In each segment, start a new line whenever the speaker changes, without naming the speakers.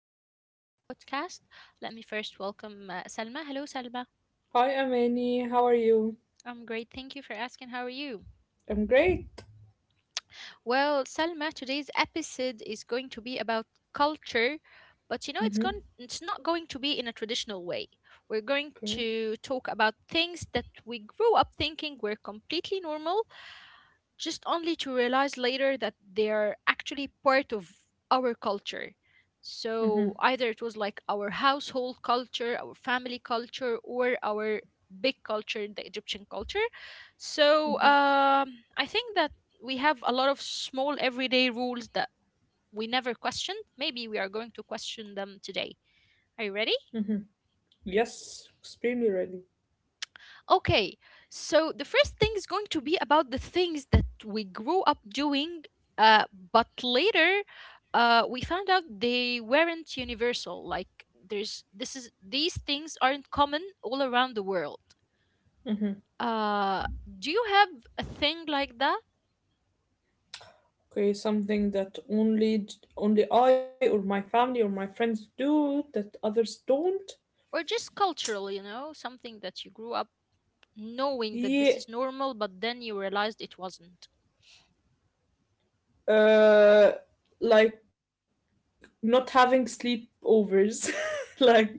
new episode of our podcast. Let me first welcome Salma. Hello, Salma.
Hi, Amani. How are you?
I'm great. Thank you for asking. How are you?
I'm great.
Well, Salma, today's episode is going to be about culture, but you
Mm-hmm.
know, it's not going to be in a traditional way. We're going
Okay.
to talk about things that we grew up thinking were completely normal, just only to realize later that they are actually part of our culture.
Mm-hmm.
So either it was like our household culture, our family culture, or our big culture, the Egyptian culture.
Mm-hmm.
So um, I think that we have a lot of small everyday rules that we never questioned. Maybe we are going to question them today. Are you ready?
Mm-hmm. Yes, extremely ready.
Okay, so the first thing is going to be about the things that we grew up doing, uh, but later we found out they weren't universal. Like there's this is these things aren't common all around the world. Uh, do you have a thing like that,
Okay, something that only I or my family or my friends do that others don't.
or just cultural? You know, something that you grew up knowing that
Yeah,
this is normal, but then you realized it wasn't.
uh, like not having sleepovers. like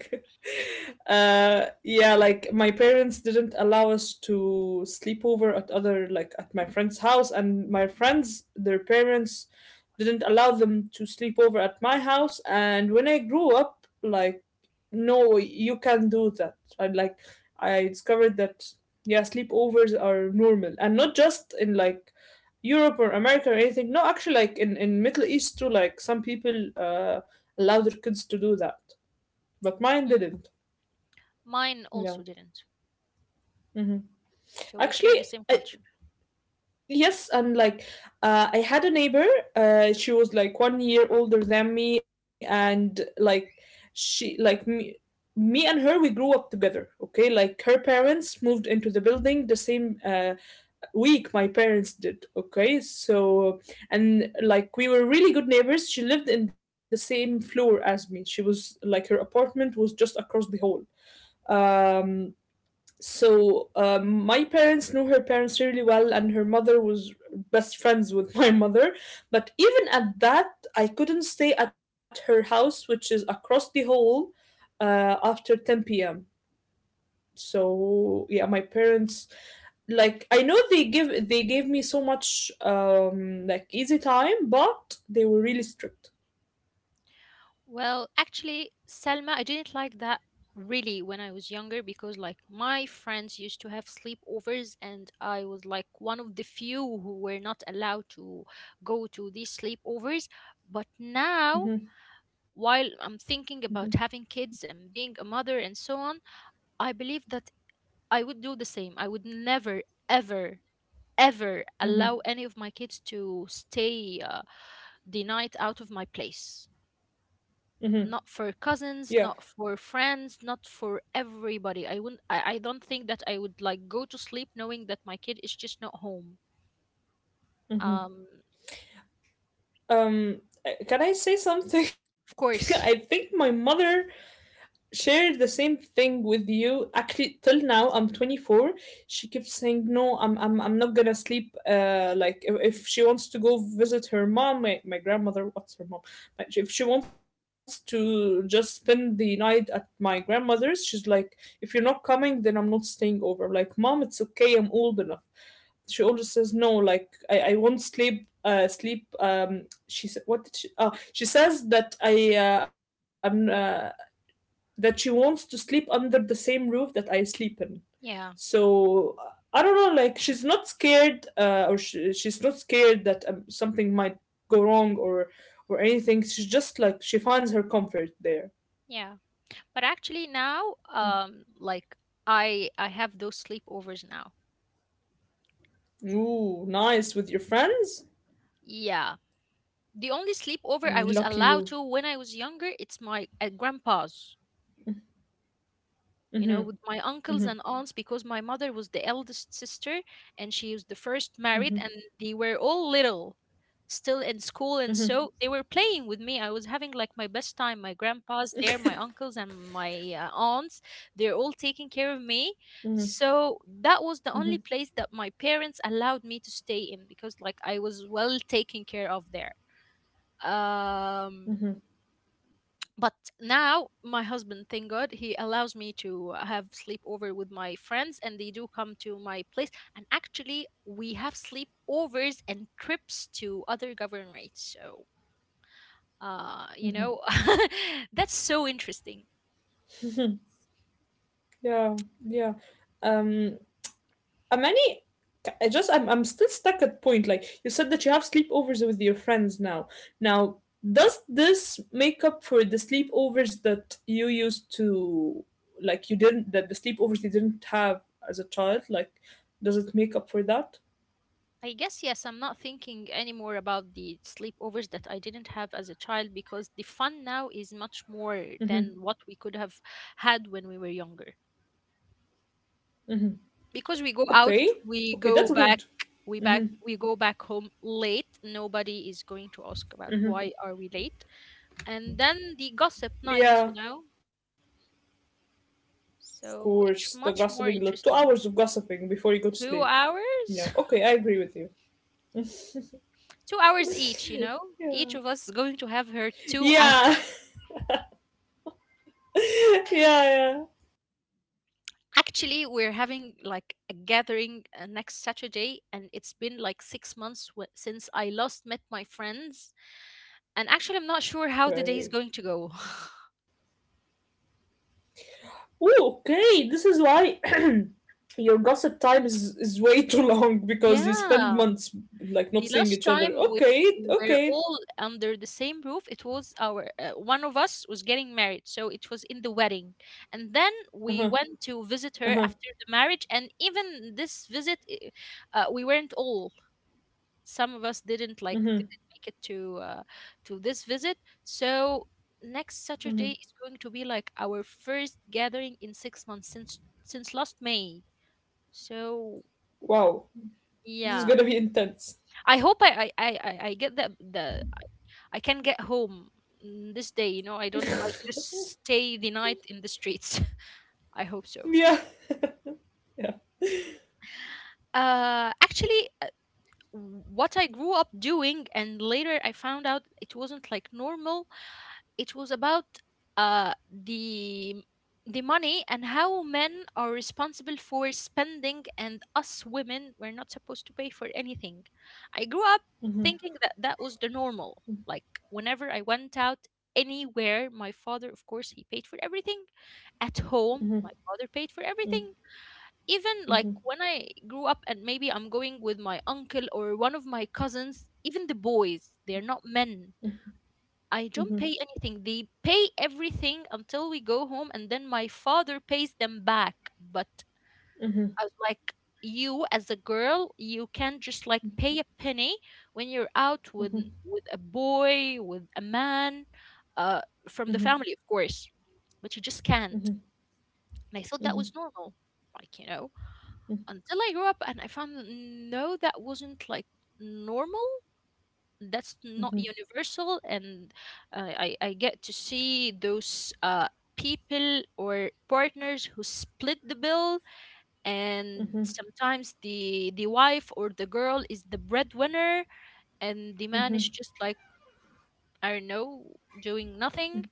yeah like, my parents didn't allow us to sleep over at other, like at my friend's house, and my friends, their parents didn't allow them to sleep over at my house. And when I grew up, like, no, you can do that. And like, I discovered that, yeah, sleepovers are normal, and not just in like Europe or America or anything. No, actually, like in Middle East too, like some people allow their kids to do that, but mine
Hmm.
didn't.
Mine
Yeah.
also didn't.
Mhm.
So we share the
Actually,
same culture.
yes, and I had a neighbor. She was like 1 year older than me, and she, like me, me and her, we grew up together. Okay, like her parents moved into the building the same week my parents did. Okay, so and like we were really good neighbors. She lived in the same floor as me. She was like, her apartment was just across the hall. Um, so my parents knew her parents really well, and her mother was best friends with my mother. But even at that, I couldn't stay at her house, which is across the hall, after 10 p.m. So yeah, my parents, like, I know they give they gave me so much, like, easy time, but they were really strict.
Well, actually, Selma, I didn't like that really when I was younger because, like, my friends used to have sleepovers, and I was like one of the few who were not allowed to go to these sleepovers. But now,
Hmm.
while I'm
Hmm.
thinking about having kids and being a mother and so on, I believe that I would do the same. I would never, ever, ever
Hmm.
allow any of my kids to stay the night out of my place.
Hmm.
Not for cousins,
Yeah.
not for friends, not for everybody. I wouldn't, I don't think that I would like go to sleep knowing that my kid is just not home.
Hmm.
um
Um can I say something?
of
I think
course.
my mother shared the same thing with you. Actually, till now, I'm 24. She keeps saying, no, I'm not gonna sleep, like if she wants to go visit her mom, my grandmother, what's her mom. Like, if she wants to just spend the night at my grandmother's, she's like, if you're not coming, then I'm not staying over. Like, mom, it's okay, I'm old enough. She always says no. Like, I won't sleep, she said what did she oh she says that I I'm that she wants to sleep under the same roof that I sleep in.
Yeah,
So I don't know, like, she's not scared, or she's not scared that, something might go wrong or anything. She's just like, she finds her comfort there.
yeah, but actually now, like I have those sleepovers now.
Ooh, nice with your friends.
Yeah, the only sleepover I
Mm,
was
lucky
allowed
you.
to when I was younger it's my at grandpa's,
Mhm.
you know, with my
Mhm.
uncles and aunts because my mother was the eldest sister, and she was the first married,
Mhm.
and they were all little still in school, and
Mhm.
so they were playing with me. I was having like my best time. My grandpa's there, my uncles and my aunts, they're all taking care of me.
Mhm.
So that was the
Mhm.
only place that my parents allowed me to stay in because like I was well taken care of there. um
Mhm.
but now my husband, thank God, he allows me to have sleepover with my friends and they do come to my place, and actually we have sleepovers and trips to other governorates. So you
Mhm.
know, that's so interesting.
Yeah. Yeah. Um, Amani, I just I'm still stuck at point. Like, you said that you have sleepovers with your friends now. Now, does this make up for the sleepovers that you used to like you didn't that the sleepovers you didn't have as a child? Like, does it make up for that?
I guess yes, I'm not thinking anymore about the sleepovers that I didn't have as a child because the fun now is much more
Mm-hmm.
than what we could have had when we were younger. Because we go out,
Okay,
we
okay,
go
that's
back,
good.
we go back home late. Nobody is going to ask about why are we late. And then the gossip night,
Yeah,
you know.
of
So
course. The
it's much
gossiping,
more
like 2 hours
interesting.
of gossiping before you go to
Two
sleep. Yeah.
hours,
Okay, I agree with you.
2 hours each, you know. Each
Yeah.
of us is going to have her 2 hours.
Yeah. Yeah. Yeah.
Actually, we're having like a gathering next Saturday, and it's been like 6 months since I last met my friends. And actually, I'm not sure how the day is
Okay.
going to go.
Oh, okay. This is why your gossip time is way too long, because you spend months
Yeah.
like not seeing
the
each other.
last time we,
Okay,
we
okay.
were all under the same roof. It was our, one of us was getting married, so it was in the wedding.
Uh
And
huh.
then we went
Uh
to
huh.
visit her after the marriage, and even this visit we weren't all, some of us
Mm-hmm,
didn't make it to this visit. So next
mm-hmm.
Saturday is going to be like our first gathering in 6 months, since last May. So
Wow, this is
yeah,
gonna be intense.
I hope I get the I can get home, this day. You know, I don't like
Yeah.
just stay the night in the streets. I hope so.
Yeah.
Actually, what I grew up doing, and later I found out it wasn't like normal. It was about uh, the the money and how men are responsible for spending, and us women we're not supposed to pay for anything. I grew up
Mm-hmm,
thinking that that was the normal. Like whenever I went out anywhere, my father, of course, he paid for everything. At home,
mm-hmm,
my father paid for everything, even like
mm-hmm,
when I grew up and maybe I'm going with my uncle or one of my cousins, even the boys, they're not men. I don't
mm-hmm,
pay anything. They pay everything until we go home, and then my father pays them back. But
mm-hmm,
I was like, you as a girl, you can't just like pay a penny when you're out with
mm-hmm,
a boy, with a man, uh, from the
mm-hmm,
family, of course. But you just can't.
mm-hmm,
And I thought that
mm-hmm.
was normal, like you know, until I grew up and I found that no, that wasn't like normal, that's not universal. And I get to see those people or partners who split the bill, and sometimes the wife or the girl is the breadwinner and the man is
Mm-hmm.
just like, I don't know, doing nothing.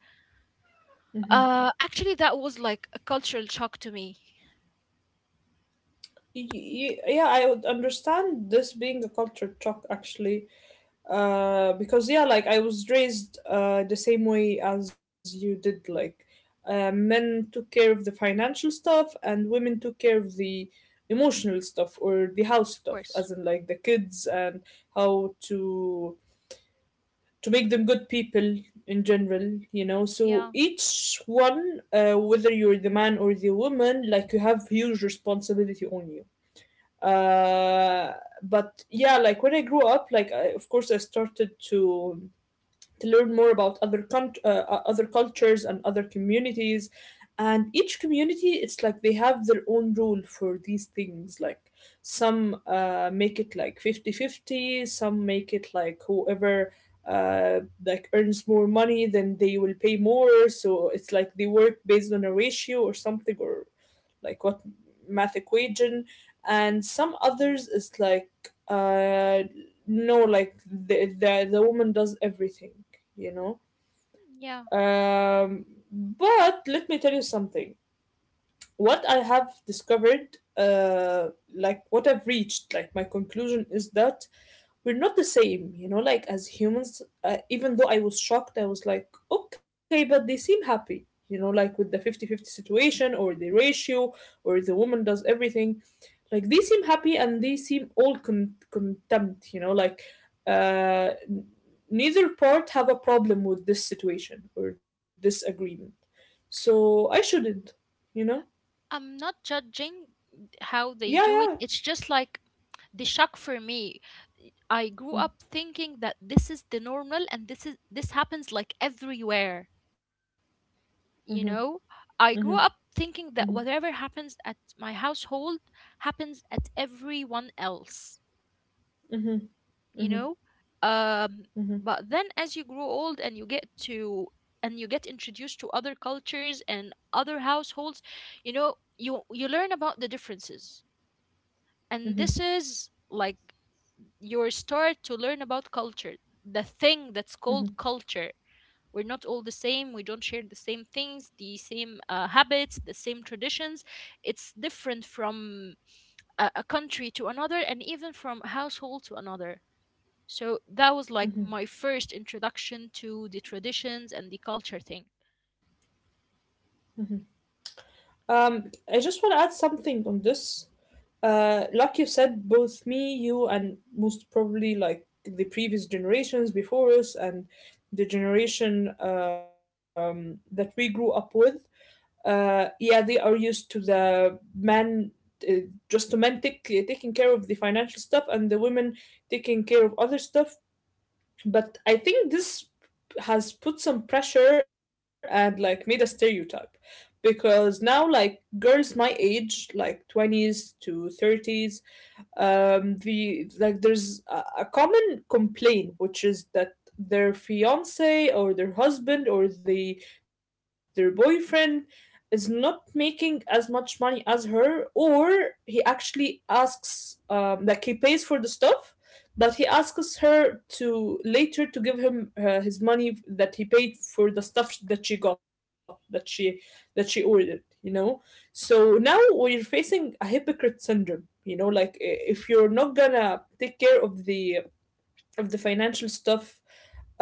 Actually that was like a cultural shock to me.
Y- y- yeah, I would understand this being a culture shock, actually. Because yeah, like I was raised, the same way as you did. Like, men took care of the financial stuff, and women took care of the emotional stuff or the house
Of
stuff, as
course.
in like the kids, and how to make them good people in general. You know, so
Yeah,
each one, whether you're the man or the woman, like, you have huge responsibility on you. Uh, but yeah, like when I grew up, like I, of course, I started to learn more about other cultures and other communities. And each community, it's like they have their own rule for these things, like some make it like 50 50, some make it like whoever, uh, like, earns more money, then they will pay more. So it's like they work based on a ratio or something, or like, what, math equation. And some others is like, uh no, like the woman does everything, you know.
yeah,
um but let me tell you something. What I have discovered, like what I've reached, like my conclusion is that we're not the same, you know, like as humans. Uh, even though I was shocked, I was like, okay, but they seem happy, you know, like, with the 50-50 situation or the ratio or the woman does everything. Like, they seem happy and they seem all contempt, you know, like uh n- neither part have a problem with this situation or this agreement. So I shouldn't, you know.
I'm not judging how they
Yeah,
do it,
yeah.
it's just like the shock for me. I grew up thinking that this is the normal and this happens like everywhere,
Mm-hmm,
you know?
mm-hmm,
I grew up
mm-hmm,
thinking that whatever happens at my household happens at everyone else,
mm-hmm,
you
mm-hmm,
know? Um
mm-hmm, mm-hmm,
but then as you grow old and you get to and you get introduced to other cultures and other households, you know, you learn about the differences.
mm-hmm.
And
Mm-hmm,
this is like your start to learn about culture, the thing that's called culture. We're not all the same. We don't share the same things, the same habits, the same traditions. It's different from a country to another, and even from a household to another. So that was like
mm-hmm.
my first introduction to the traditions and the culture thing.
I just want to add something on this. Like you said, both me, you, and most probably like the previous generations before us, and the generation, that we grew up with, yeah, they are used to the man, uh, just to men taking care of the financial stuff, and the women taking care of other stuff. But I think this has put some pressure and like made a stereotype, because now, like, girls my age, like 20s to 30s, there's a common complaint, which is that their fiance or their husband or their boyfriend is not making as much money as her. Or he actually asks, he pays for the stuff, but he asks her to later to give him, his money that he paid for the stuff that she got, that she ordered, you know. So now we're facing a hypocrite syndrome, you know. Like, if you're not gonna take care of the financial stuff,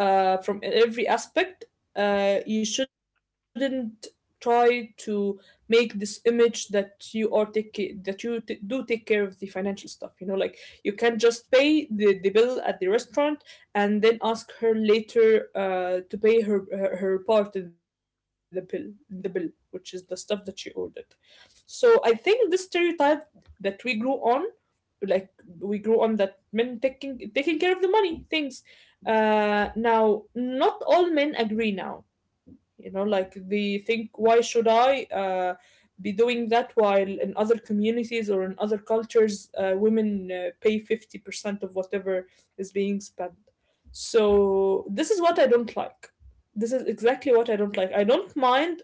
from every aspect, you shouldn't try to make this image that do take care of the financial stuff, you know. Like, you can just pay the bill at the restaurant, and then ask her later, to pay her part of the bill, which is the stuff that she ordered. So I think this stereotype that we grew on, like, we grew on that men taking care of the money things. Now, not all men agree now, you know. Like, they think, why should I be doing that, while in other communities or in other cultures, women pay 50% of whatever is being spent. So this is what I don't like. This is exactly what I don't like. I don't mind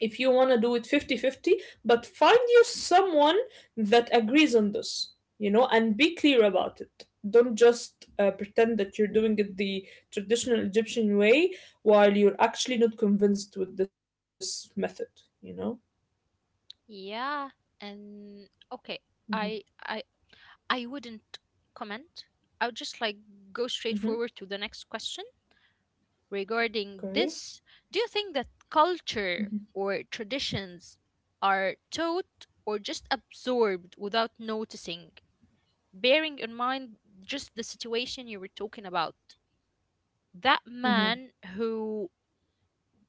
if you want to do it 50-50, but find you someone that agrees on this, you know, and be clear about it. Don't just, pretend that you're doing it the traditional Egyptian way while you're actually not convinced with this method, you know?
Yeah, and okay,
Hmm.
I I I wouldn't comment. I would just like go straight
Hmm.
forward to the next question. Regarding
Okay.
this, do you think that culture
Hmm.
or traditions are taught or just absorbed without noticing, bearing in mind just the situation you were talking about? That
Hmm.
man who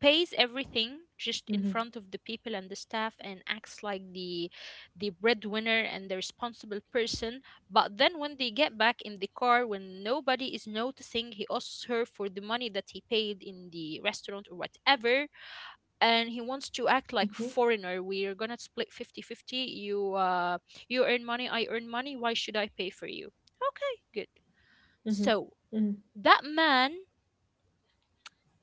pays everything just in
Hmm.
front of the people and the staff and acts like the breadwinner and the responsible person, but then when they get back in the car, when nobody is noticing, he asks her for the money that he paid in the restaurant or whatever, and he wants to act
Hmm.
like foreigner, we're gonna split 50 50. You earn money, I earn money, why should I pay for you? Okay, good.
Hmm.
So that man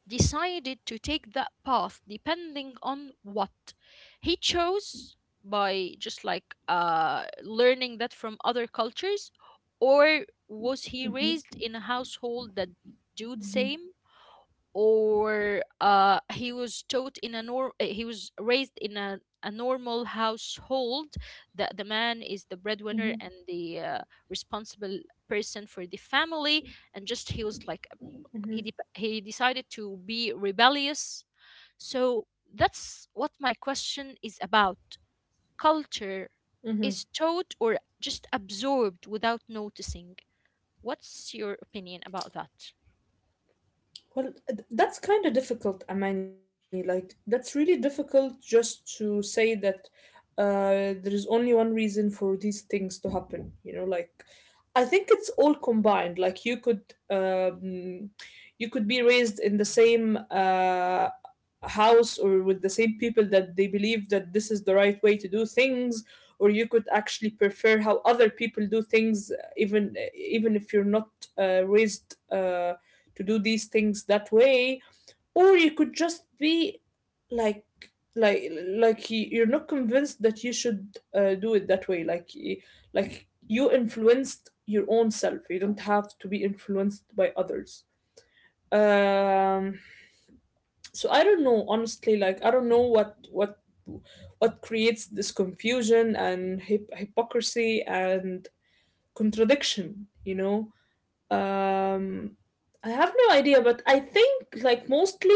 decided to take that path depending on what he chose, by just like learning that from other cultures, or was he
Hmm.
raised in a household that do the same, or he was taught in a he was raised in a normal household that the man is the
Hmm.
breadwinner and the responsible person for the family, and just he was like,
Hmm.
he decided to be rebellious. So that's what my question is about. Culture
Hmm.
is taught or just absorbed without noticing. What's your opinion about that?
Well, th- that's kind of difficult, Amani. Like, that's really difficult just to say that, there is only one reason for these things to happen. You know, like, I think it's all combined. Like, you could be raised in the same, house, or with the same people that they believe that this is the right way to do things. Or you could actually prefer how other people do things, even if you're not raised, to do these things that way. Or you could just be like, like you're not convinced that you should, do it that way. Like, like, you influenced your own self, you don't have to be influenced by others. um so I don't know, honestly. Like, I don't know what, what creates this confusion and hypocrisy and contradiction, you know. um, I have no idea, but I think, like, mostly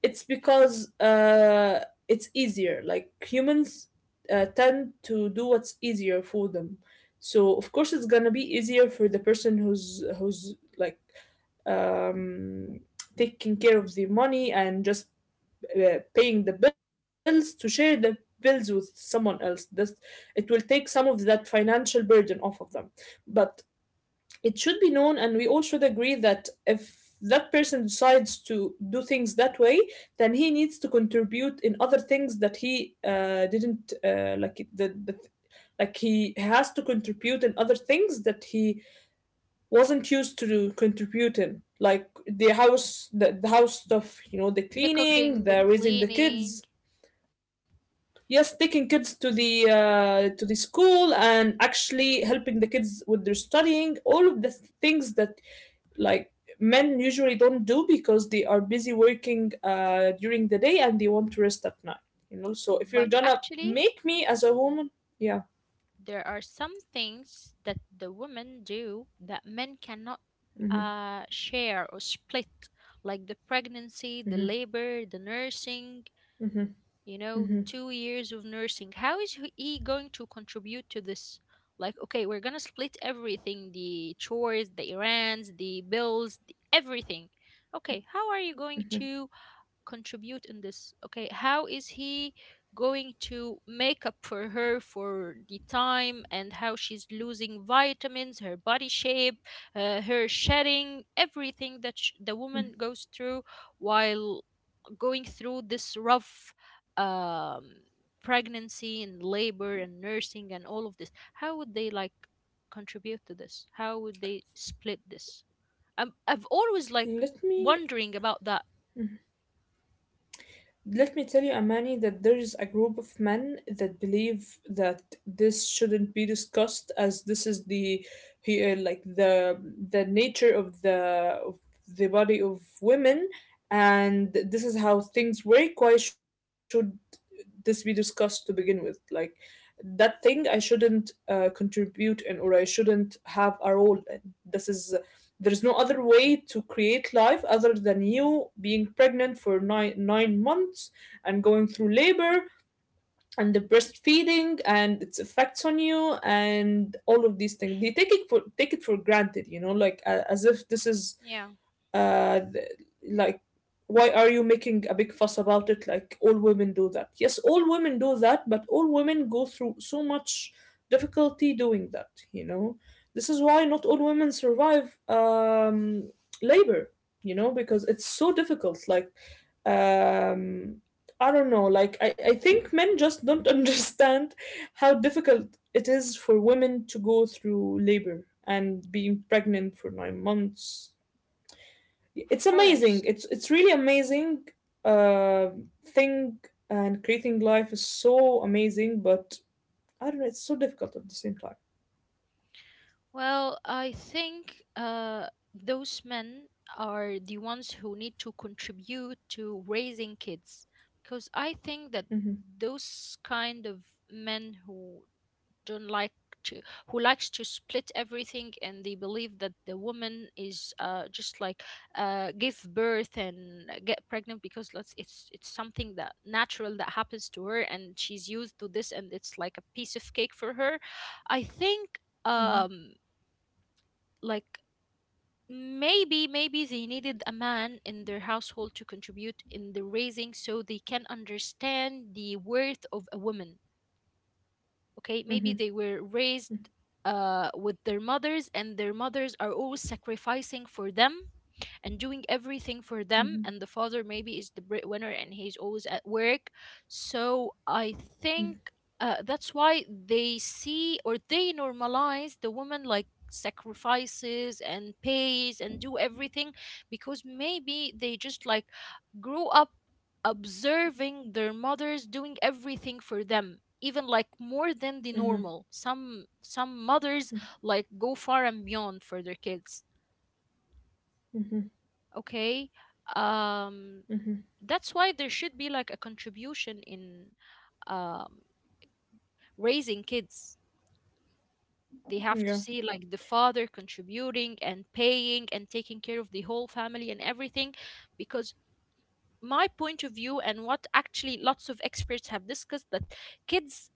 it's because, it's easier. Like, humans tend to do what's easier for them. So of course it's gonna be easier for the person who's like, um, taking care of the money, and just, paying the bills to share the bills with someone else. This It will take some of that financial burden off of them. But it should be known and we all should agree that if that person decides to do things that way, then he needs to contribute in other things that he didn't, like the like he has to contribute in other things that he wasn't used to contribute in, like the house, the house stuff, the
The
cleaning,
cooking, the
the raising the
cleaning.
kids. Yes, taking kids to the school and actually helping the kids with their studying, all of the things that, like, men usually don't do because they are busy working during the day and they want to rest at night, so if you're
But
gonna
actually,
make me as a woman, yeah.
there are some things that the women do that men cannot
Hmm.
share or split, like the pregnancy, the
Hmm.
labor, the nursing.
Hmm.
You know,
Hmm.
2 years of nursing. How is he going to contribute to this? Like, okay, we're gonna split everything, the chores, the errands, the bills, everything. Okay, how are you going to contribute in this? Okay, how is he going to make up for her for the time and how she's losing vitamins, her body shape, her shedding, everything that the woman goes through while going through this rough um, pregnancy and labor and nursing and all of this. How would they like contribute to this? How would they split this? I've always like
let me
wondering about that.
Let me tell you, Amani, that there is a group of men that believe that this shouldn't be discussed, as this is the like the nature of the of body of women, and this is how things work. Why should this be discussed to begin with? Like, that thing I shouldn't contribute in, or I shouldn't have a role in. This is There's no other way to create life other than you being pregnant for nine months and going through labor and the breastfeeding and its effects on you, and all of these things they take it for granted, you know, like, as if this is
Yeah.
uh, th- like, why are you making a big fuss about it? Like, all women do that. Yes, all women do that, but all women go through so much difficulty doing that. This is why not all women survive labor, because it's so difficult, like, um I don't know, like, I think men just don't understand how difficult it is for women to go through labor and being pregnant for 9 months.
Of
It's amazing,
course.
it's really amazing uh thing. And creating life is so amazing, but I don't know, it's so difficult at the same time.
Well, I think those men are the ones who need to contribute to raising kids, because I think that
Mm-hmm,
those kind of men who don't like to, who likes to split everything and they believe that the woman is just like give birth and get pregnant because let's, it's something that natural that happens to her and she's used to this and it's like a piece of cake for her. I think
mm-hmm,
um like, maybe they needed a man in their household to contribute in the raising so they can understand the worth of a woman. Okay, maybe they were raised with their mothers and their mothers are always sacrificing for them and doing everything for them,
mm-hmm,
and the father maybe is the breadwinner and he's always at work. So I think
mm-hmm,
that's why they see or they normalize the woman like sacrifices and pays and do everything, because maybe they just like grew up observing their mothers doing everything for them, even like more than the
mm-hmm,
normal. Some mothers like go far and beyond for their kids.
mm-hmm,
Okay. um
mm-hmm.
that's why there should be like a contribution in um raising kids. They
Mm-hmm.
have to
Yeah.
see like the father contributing and paying and taking care of the whole family and everything. Because my point of view, and what actually lots of experts have discussed, that kids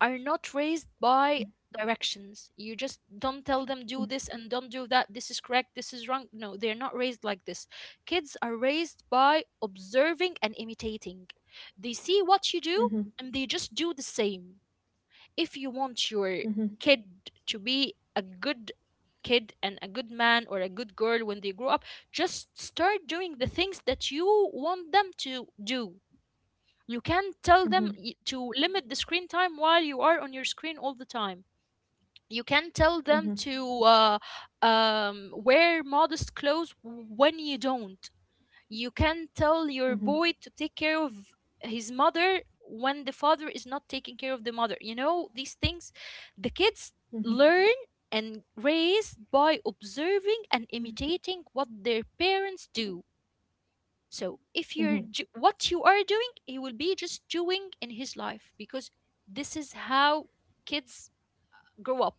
are not raised by directions. You just don't tell them do this and don't do that, this is correct, this is wrong. No, they're not raised like this. Kids are raised by observing and imitating. They see what you do,
Mm-hmm,
and they just do the same. If you want your
mm-hmm,
kid to be a good kid and a good man or a good girl when they grow up, just start doing the things that you want them to do. You can tell them
mm-hmm,
to limit the screen time while you are on your screen all the time. You can tell them
mm-hmm,
to wear modest clothes when you don't. You can tell your
mm-hmm,
boy to take care of his mother when the father is not taking care of the mother. You know, these things, the kids
mm-hmm,
learn and raise by observing and imitating what their parents do. So if you're
mm-hmm.
ju- what you are doing, he will be just doing in his life, because this is how kids grow up.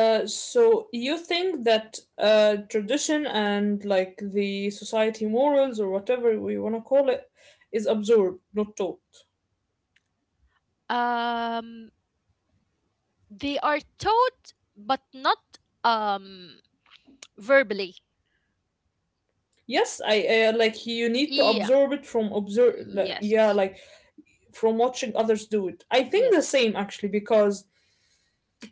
So you think that tradition and, like, the society morals or whatever we want to call it is absorbed, not taught?
um they are taught, but not um verbally.
Yes, I, like, you need to
Yeah.
observe it from observe. Yeah,
Yes.
like, from watching others do it. I think the
Yes.
same actually, because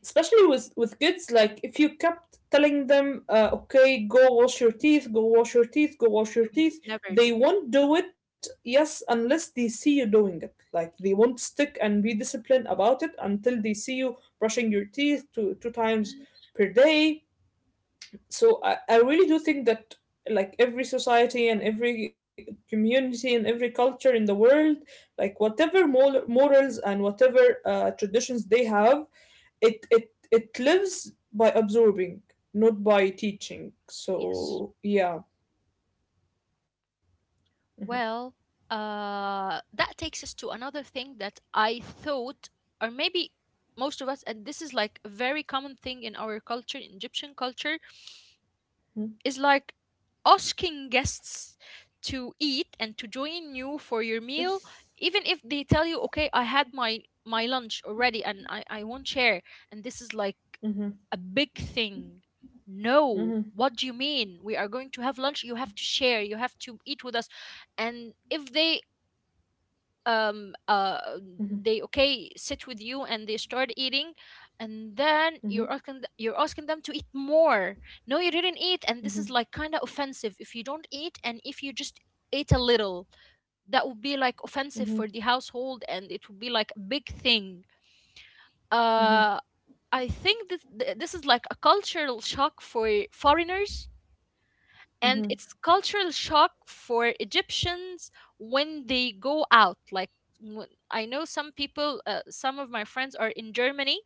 especially with kids, like, if you kept telling them, okay, go wash your teeth, go wash your teeth, go wash
You
your
will
teeth,
never do
they
it.
won't do it. Yes, unless they see you doing it. Like, they won't stick and be disciplined about it until they see you brushing your teeth two
Yeah.
times per day. So I really do think that, like, every society and every community and every culture in the world, like, whatever morals and whatever traditions they have, it lives by absorbing, not by teaching.
Yes.
So yeah.
Well, that takes us to another thing that I thought, or maybe most of us, and this is like a very common thing in our culture, in Egyptian culture,
Mm-hmm,
is like asking guests to eat and to join you for your meal, even if they tell you, okay, I had my lunch already and I won't share. And this is like
mm-hmm,
a big thing. No,
mm-hmm,
what do you mean? We are going to have lunch. You have to share. You have to eat with us. And if they um uh they okay sit with you and they start eating, and then you're
mm-hmm,
asking you're asking them to eat more. No, you didn't eat. And this is like kind of offensive if you don't eat. And if you just ate a little, that would be like
mm-hmm,
offensive for the household and it would be like a big thing. uh
mm-hmm,
I think this is like a cultural shock for foreigners, and it's
mm-hmm,
cultural shock for Egyptians when they go out. Like I know some people, some of my friends are in Germany,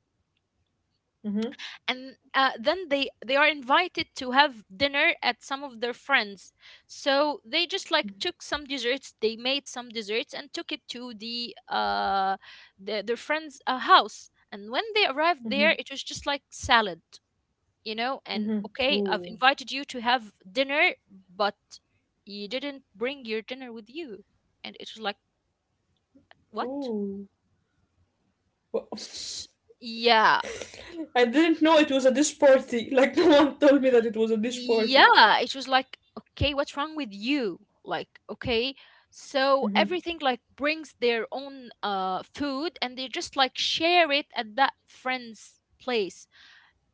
mm-hmm,
and then they are invited to have dinner at some of their friends, so they just like took some desserts, they made some desserts and took it to their friends house, and when they arrived there it
mm-hmm,
was just like salad. And okay, I've
mm-hmm.
invited
Ooh.
you to have dinner, but you didn't bring your dinner with you. And it was like, what?
Ooh.
S- yeah.
I didn't know it was a dish party. Like, no one told me that it was a dish party.
Yeah. It was like, okay, what's wrong with you? Like, okay.
Mm-hmm.
So everything like brings their own food and they just like share it at that friend's place.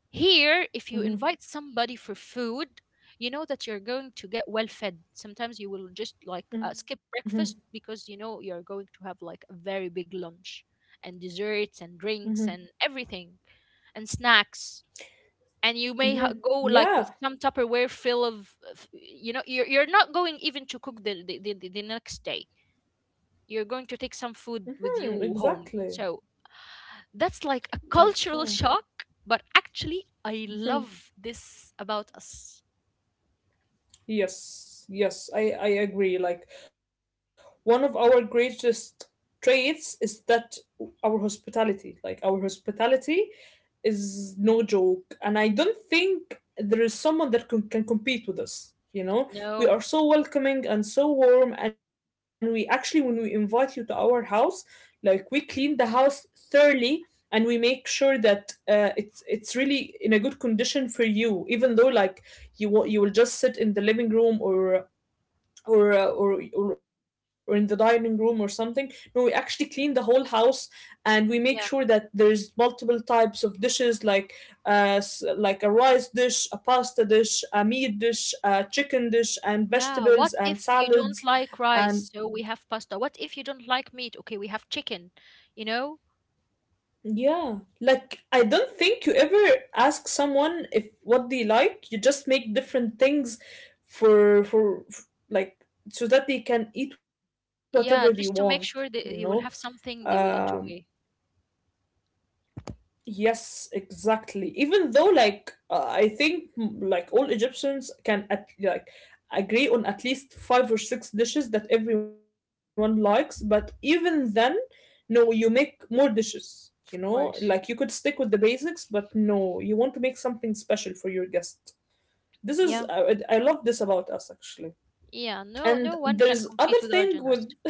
Here, if you
Mm-hmm.
invite somebody for food, you know that you're going to get well fed. Sometimes you will just like
Mm-hmm.
skip breakfast because you know you're going to have like a very big lunch and desserts and drinks
Mm-hmm.
and everything and snacks. And you
Mm-hmm.
go like with
Yeah.
some Tupperware fill of you're not going even to cook the next day. You're going to take some
Hmm,
food with you
exactly.
home. So that's like a
Like, yeah.
cultural shock, but actually, I
Hmm.
love this about us.
Yes, yes, I agree. Like, one of our greatest traits is that our hospitality, like, our hospitality is no joke. And I don't think there is someone that can compete with us. We are
No,
so welcoming and so warm. And we actually, when we invite you to our house, like, we clean the house thoroughly. And we make sure that, it's really in a good condition for you, even though, like, you will just sit in the living room or or in the dining room or something. No, we actually clean the whole house. And we make sure that
yeah,
there's multiple types of dishes, like a rice dish, a pasta dish, a meat dish, a chicken dish and
yeah.
vegetables
What
and
if you don't
salads,
like
and
rice? So we have pasta. What if you don't like meat? Okay, we have chicken, you know?
yeah. Like, I don't think you ever ask someone if what they like. You just make different things for like, so that they can eat whatever they want,
Yeah, just
you
to make
know.
sure that you will have
Um
something they will enjoy,
Yes, exactly. Even though, like, I think, like, all Egyptians can, at, like, agree on at least five or six dishes that everyone likes, but even then, no, you make more dishes. You know,
of
like, you could
course.
stick with the basics, but no, you want to make something special for your guest. This is I,
Yeah,
I love this about us actually.
yeah. No,
And
no one
there's
can
other
compete with our
thing with,
generosity.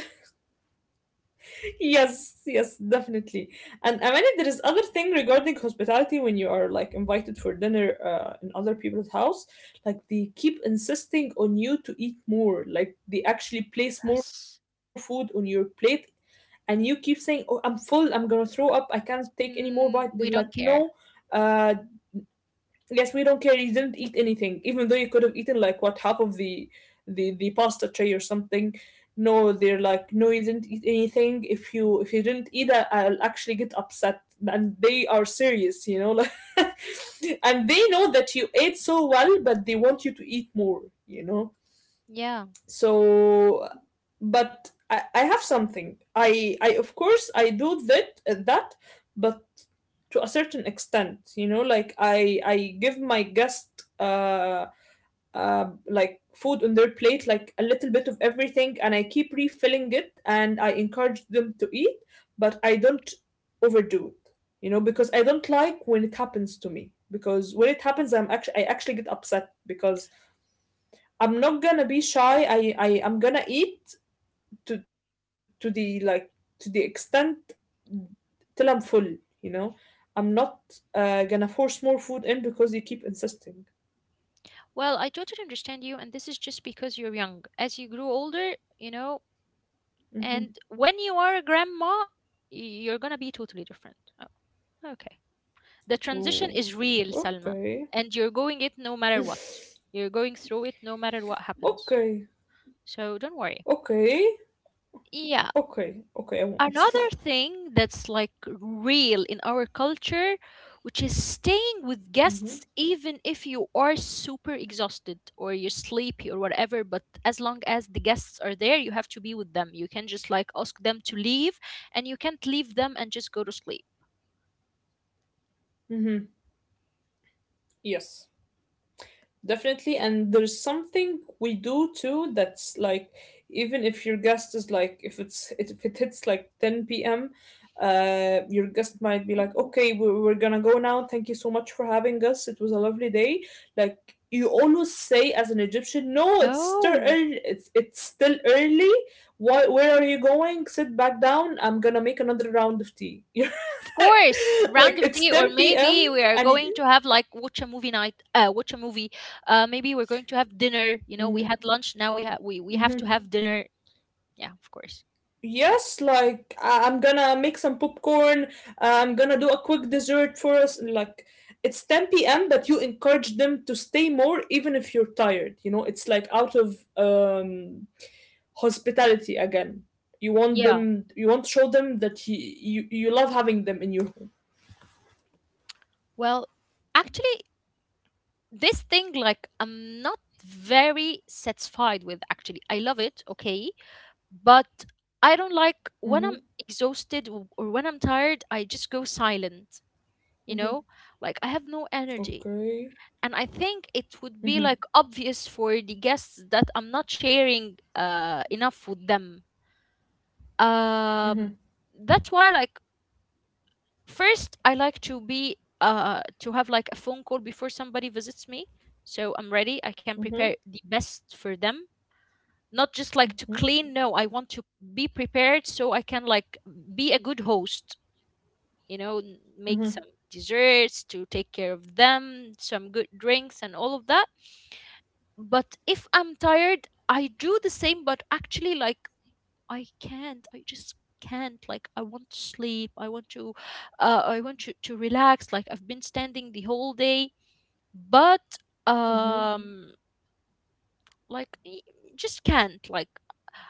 yes, yes, definitely. And I mean, there is other thing regarding hospitality when you are, like, invited for dinner, in other people's house. Like, they keep insisting on you to eat more. Like, they actually place more food
Yes.
on your plate, and you keep saying, "Oh, I'm full. I'm gonna throw up. I can't take any more bite." They're like,
We
"No,
don't care.
uh, yes, we don't care. You didn't eat anything, even though you could have eaten, like, what, half of the the pasta tray or something. No," they're like, "no, you didn't eat anything. If you didn't eat, I'll actually get upset." And they are serious, you know, like, and they know that you ate so well, but they want you to eat more, you know
Yeah.
so but I have something, I, of course, I do that, but to a certain extent, like, I give my guest, like, food on their plate, like, a little bit of everything, and I keep refilling it and I encourage them to eat, but I don't overdo it, because I don't like when it happens to me, because when it happens, I actually get upset, because I'm not gonna be shy. I am gonna eat to to the like to the extent, till I'm full. You know, I'm not gonna force more food in because you keep insisting.
Well, I totally understand you, and this is just because you're young. As you grow older, you know, And
Hmm.
when you are a grandma, you're gonna be totally different. Oh, okay. The transition is
Ooh.
real, Salma,
Okay.
and you're going it no matter what. You're going through it no matter what happens.
Okay.
So don't worry.
Okay.
Yeah.
Okay. Okay. I won't.
Another thing that's like real in our culture, which is staying with
Hmm.
guests even if you are super exhausted or you're sleepy or whatever, but as long as the guests are there, you have to be with them. You can just like ask them to leave, and you can't leave them and just go to sleep.
Hmm. Yes. Definitely, and there's something we do too that's like, even if your guest is, like, if it's if it hits, like, 10 p.m., your guest might be like, okay, we're gonna go now, thank you so much for having us, it was a lovely day. Like, you always say as an Egyptian, no, it's still
No.
early, it's still early. Why, where are you going? Sit back down, I'm gonna make another round of tea.
Of course, round
Like,
of
it's
tea, or
10 p.m.
maybe we are
and
going
you,
to have like watch a movie night, watch a movie. Maybe we're going to have dinner. You know, we had lunch. Now we have to
mhm.
have dinner. Yeah, of course.
Yes, like, I'm gonna make some popcorn. I'm gonna do a quick dessert for us. Like, it's 10 p.m., but you encourage them to stay more, even if you're tired. It's like out of, hospitality again. You want
Yeah.
them. You want to show them that you love having them in your home.
Well, actually, this thing, like, I'm not very satisfied with, actually. I love it, okay, but I don't
Mm-hmm,
like when I'm exhausted or when I'm tired, I just go silent,
mm-hmm.
you know? Like, I have no energy.
Okay.
And I think it would be
Mm-hmm,
like obvious for the guests that I'm not sharing enough with them.
mm-hmm,
Um, that's why, like, first, I like to be to have like a phone call before somebody visits me, so I'm ready. I can prepare the
mm-hmm,
best for them. Not just like to clean. No, I want to be prepared so I can like be a good host. You know, make some desserts to take care of them, some good drinks and all of that. But if I'm tired, I do the same, but actually like I can't. I just can't. Like I want to sleep. I want to relax. Like I've been standing the whole day, but
mm-hmm,
um like just can't. Like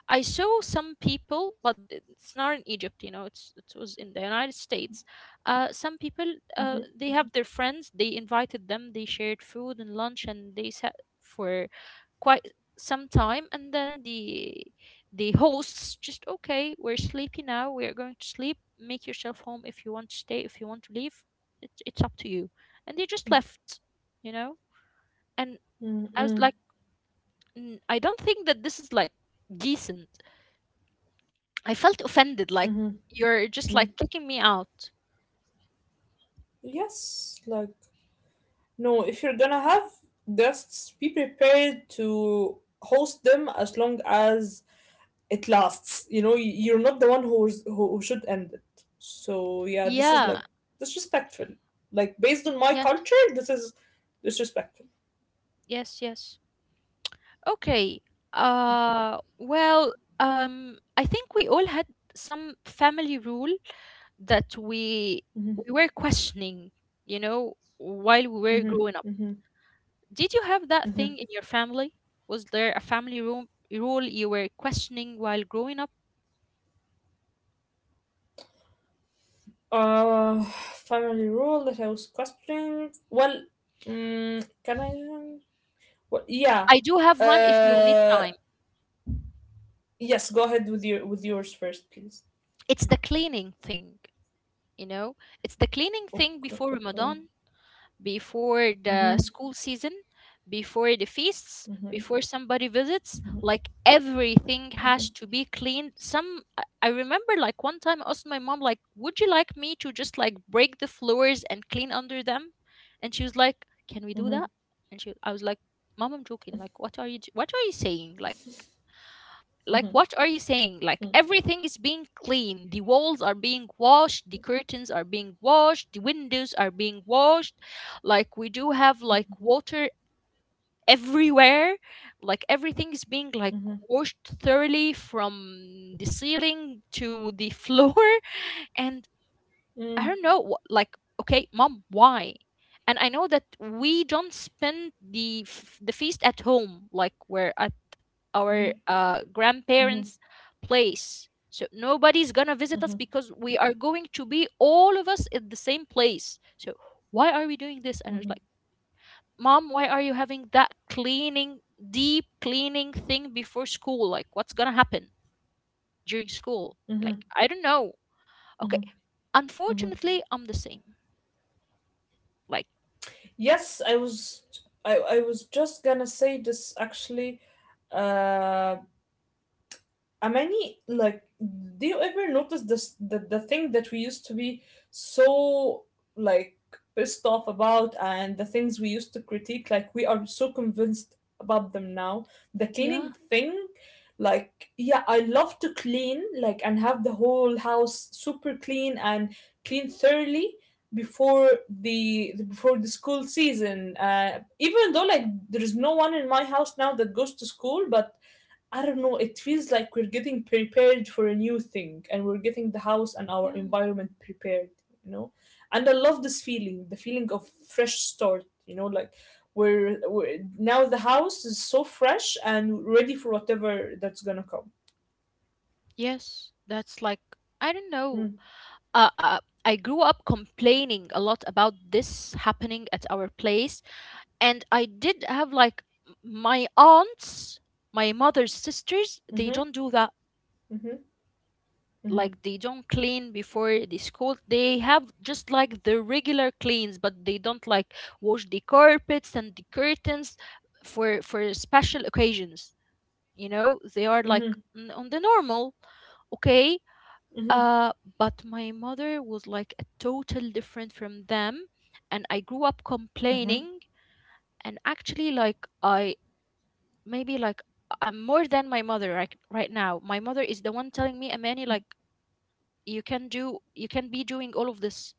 I saw some people, but it's not in Egypt, it was in the United States. Some people,
mm-hmm,
they have their friends, they invited them, they shared food and lunch, and they sat for quite some time, and then the hosts just okay, we're sleepy now, we're going to sleep. Make yourself home. If you want to stay, if you want to leave, it's up to you. And they just left, you know. And
mm-hmm,
I was
mm-hmm,
like, " I don't think that this is like decent. I felt offended, like
mm-hmm.
you're just like kicking me out.
Yes, like. No, if you're gonna have guests, be prepared to host them as long as it lasts. You know, you're not the one who should end it. So yeah, this is
Yeah.
like disrespectful. Like, based on my
Yes.
culture, this is disrespectful.
Yes. Yes. Okay. Well. I think we all had some family rule that we
Mm-hmm,
we were questioning. You know, while we were
mm-hmm,
growing up.
mm-hmm,
Did you have that
mm-hmm.
thing in your family? Was there a family room rule you were questioning while growing up?
Uh, family rule that I was questioning. Well, can I? Well, yeah.
I do have one. If you need
Uh,
time,
yes. Go ahead with your with yours first, please.
it's the cleaning thing. You know, it's the cleaning thing
Okay.
before
Okay.
Ramadan, before the
Mhm.
school season, before the feasts,
Mhm.
before somebody visits, like everything
Mhm.
has to be cleaned. Some I remember like one time I asked my mom like, "Would you like me to just like break the floors and clean under them?" And she was like, "Can we do
Mhm.
that?" And she I was like, "Mom, I'm joking. Like, what are you what are you saying? Like, what are you saying? Like everything is being cleaned, the walls are being washed, the curtains are being washed, the windows are being washed, like we do have like water everywhere, like everything is being like
Mhm.
washed thoroughly from the ceiling to the floor and I
Mhm.
don't know like okay, Mom, why? And I know that we don't spend the feast at home, like we're at our
Mhm.
grandparents' place. So nobody's gonna
Mhm.
visit us
Mhm.
because we are going to be all of us in the same place. So why are we doing this?" And
Mhm.
it's
Mhm.
like, Mom, why are you having that cleaning, deep cleaning thing before school? Like, what's gonna happen during school?
Mhm.
Like, I don't know. Okay,
Mhm. Mhm.
unfortunately, I'm the same. Like,
Yes, I was. I was just gonna say this actually. Uh, Amani, like, do you ever notice this, the thing that we used to be so, like, pissed off about, and the things we used to critique? Like, we are so convinced about them now. The
yeah,
cleaning thing, like, yeah, I love to clean, like, and have the whole house super clean, and clean thoroughly before the school season. Even though, like, there is no one in my house now that goes to school, but I don't know, it feels like we're getting prepared for a new thing and we're getting the house and our
yeah,
environment prepared, you know? And I love this feeling, the feeling of fresh start, you know, like, we're now, the house is so fresh and ready for whatever that's gonna come.
yes. That's like, I don't know.
Mm.
I grew up complaining a lot about this happening at our place. And I did have like my aunts, my mother's sisters, they
Mm-hmm.
don't do that.
Mm-hmm. Mm-hmm.
Like they don't clean before the school. They have just like the regular cleans, but they don't like wash the carpets and the curtains for special occasions. You know, they are like
Mm-hmm.
on the normal. Okay, uh, but my mother was like a total different from them, and I grew up
Mm-hmm.
complaining. And actually, like I maybe like I'm more than my mother right now. My mother is the one telling me, Amani, like you can be doing all of this.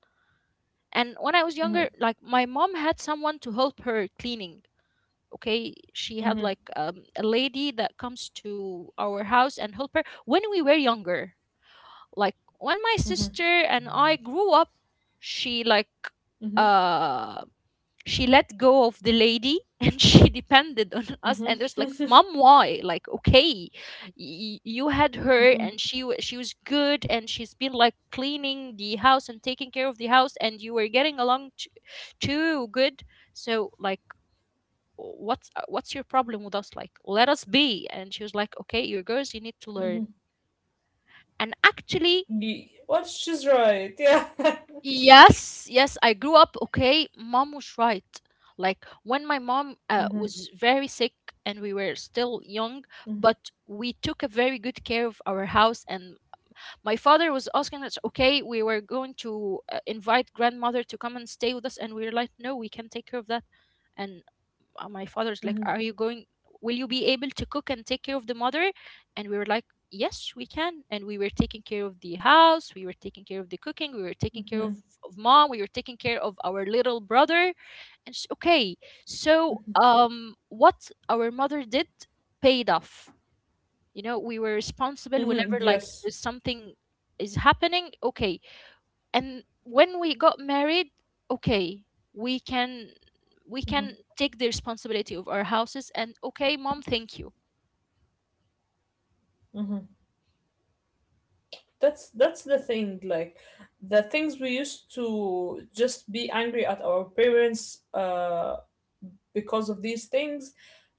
And when I was
Mm-hmm. Mm-hmm.
younger, like my mom had someone to help her cleaning. Okay, she
Mm-hmm.
had
Mm-hmm.
like a lady that comes to our house and help her when we were younger. Like when my
Mm-hmm.
sister and I grew up, she like uh she let go of the lady and she depended on us, and it was like, mom why, like okay, you had her
Mm-hmm.
and she was good and she's been like cleaning the house and taking care of the house and you were getting along too good, so like what's your problem with us, like let us be. And she was like, okay you're girls, you need to learn. And actually,
Ye- Well, she's right. Yeah.
yes, yes, I grew up, okay. Mom was right. Like when my mom
Mm-hmm.
was very sick and we were still young, but we took a very good care of our house. And my father was asking us, okay, we were going to invite grandmother to come and stay with us, and we were like, no, we can take care of that. And my father's like,
Mm-hmm.
are you going, will you be able to cook and take care of the mother? And we were like, yes we can. And we were taking care of the house, we were taking care of the cooking, we were taking care of mom, we were taking care of our little brother. And she, okay. So what our mother did paid off, you know. We were responsible
Mm-hmm.
whenever like
Yes.
there's something is happening, okay. And when we got married, okay, we can, we can
Mm-hmm.
take the responsibility of our houses. And okay mom, thank you.
Hmm. That's the thing. Like, the things we used to just be angry at our parents uh, because of these things,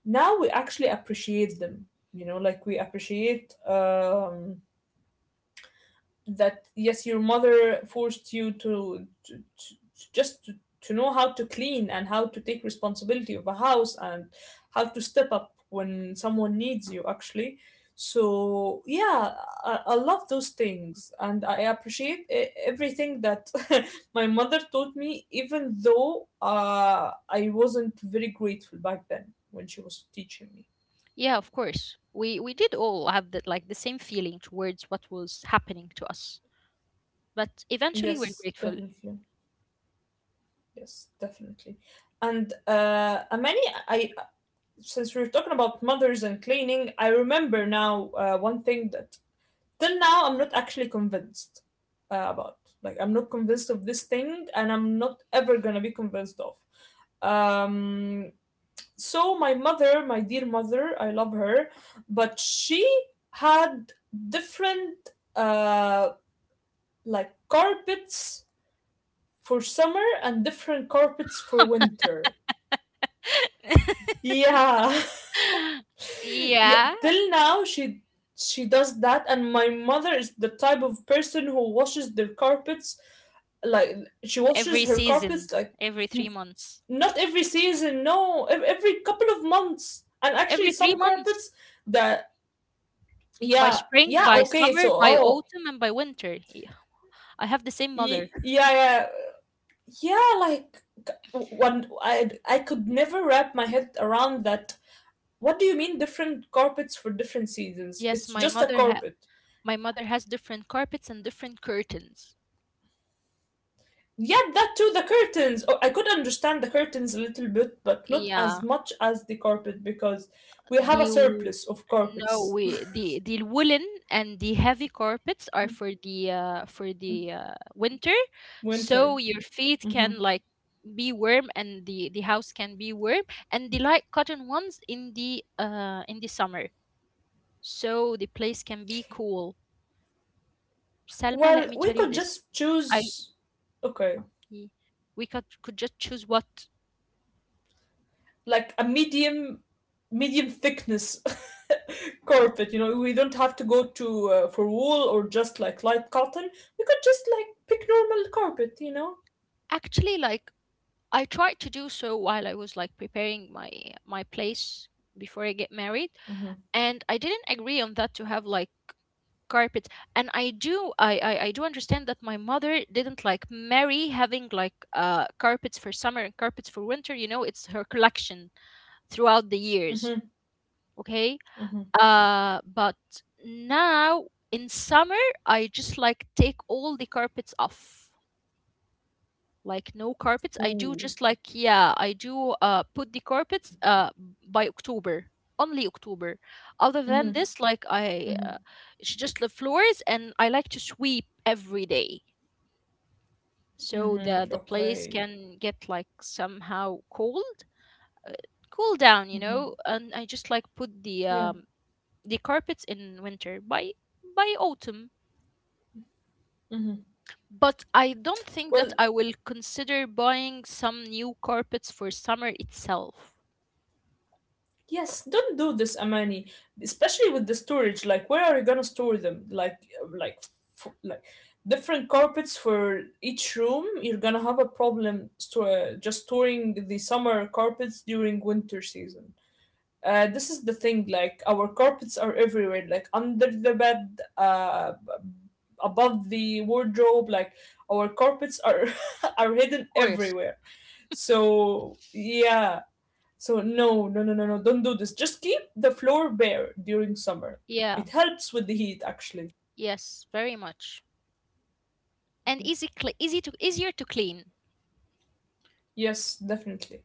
now we actually appreciate them. Like, we appreciate. Um, that yes your mother forced you just to, to know how to clean and how to take responsibility of a house and how to step up when someone needs you actually so yeah I love those things and I appreciate everything that my mother taught me even though I wasn't very grateful back then when she was teaching me.
Yeah, of course we did all have that like the same feeling towards what was happening to us, but eventually we're
Yes,
grateful.
definitely. Yes, definitely. And Amani, I since we were talking about mothers and cleaning, I remember now one thing that till now I'm not actually convinced about. Like, I'm not convinced of this thing, and I'm not ever gonna be convinced of. Um, so my mother, my dear mother, I love her, but she had different uh like carpets for summer and different carpets for winter. Yeah, yeah,
Yeah,
till now she does that, and my mother is the type of person who washes their carpets, like she
every
washes her
season,
carpets like,
every three
m-
months,
not every season, no, every couple of months, and actually
every three
some
months,
carpets that,
by
yeah,
spring,
yeah,
by
okay, so,
summer, by
oh,
autumn and by winter. I have the same mother.
yeah, yeah. Yeah, like, one, I could never wrap my head around that. What do you mean different carpets for different seasons?
yes
It's
my
just a
mother ha-
carpet.
My mother has different carpets and different curtains.
Yeah, that too. The curtains. Oh, I could understand the curtains a little bit, but not
Yeah,
as much as the carpet because we have
the
a
w-
surplus of
no,
carpets.
we, the woolen and the heavy carpets are for the winter, so
Winter.
your feet
Hmm.
can like be warm and the house can be warm, and the light cotton ones in the summer, so the place can be cool. Selma, let
Well,
me
we
tell you
could
this.
just
I
choose. Okay,
y- we could just choose what.
like a medium, medium thickness carpet. You know, we don't have to go to for wool or just like light cotton. We could just like pick normal carpet. You know.
Actually like, I tried to do so while I was like preparing my my place before I get married,
Mm-hmm.
and I didn't agree on that to have like carpets. And I do understand that my mother didn't like marry having like carpets for summer and carpets for winter. You know, it's her collection throughout the years.
Mm-hmm.
Okay,
Mm-hmm.
but now in summer I just like take all the carpets off, like no carpets. I
Ooh.
do just like, yeah I do put the carpets by October, only October. Other
Mm-hmm.
than this, like I
Mm-hmm.
it's just the floors and I like to sweep every day, so
Mm-hmm.
the place
Okay.
can get like somehow cold, uh, cool down, you know. And I just like put
Yeah.
the carpets in winter by autumn. But I don't think that
Well,
I will consider buying some new carpets for summer itself.
yes, don't do this, Amani. Especially with the storage. Like, where are you gonna store them? Like, like different carpets for each room. You're gonna have a problem store just storing the summer carpets during winter season. This is the thing. Like, our carpets are everywhere. Like under the bed, above the wardrobe. Like, our carpets are are hidden
Course.
everywhere. So yeah, so no, no, no, no, no, don't do this. Just keep the floor bare during summer.
Yeah.
It helps with the heat, actually.
Yes, very much. And easy cle easy to easier to clean.
Yes, definitely.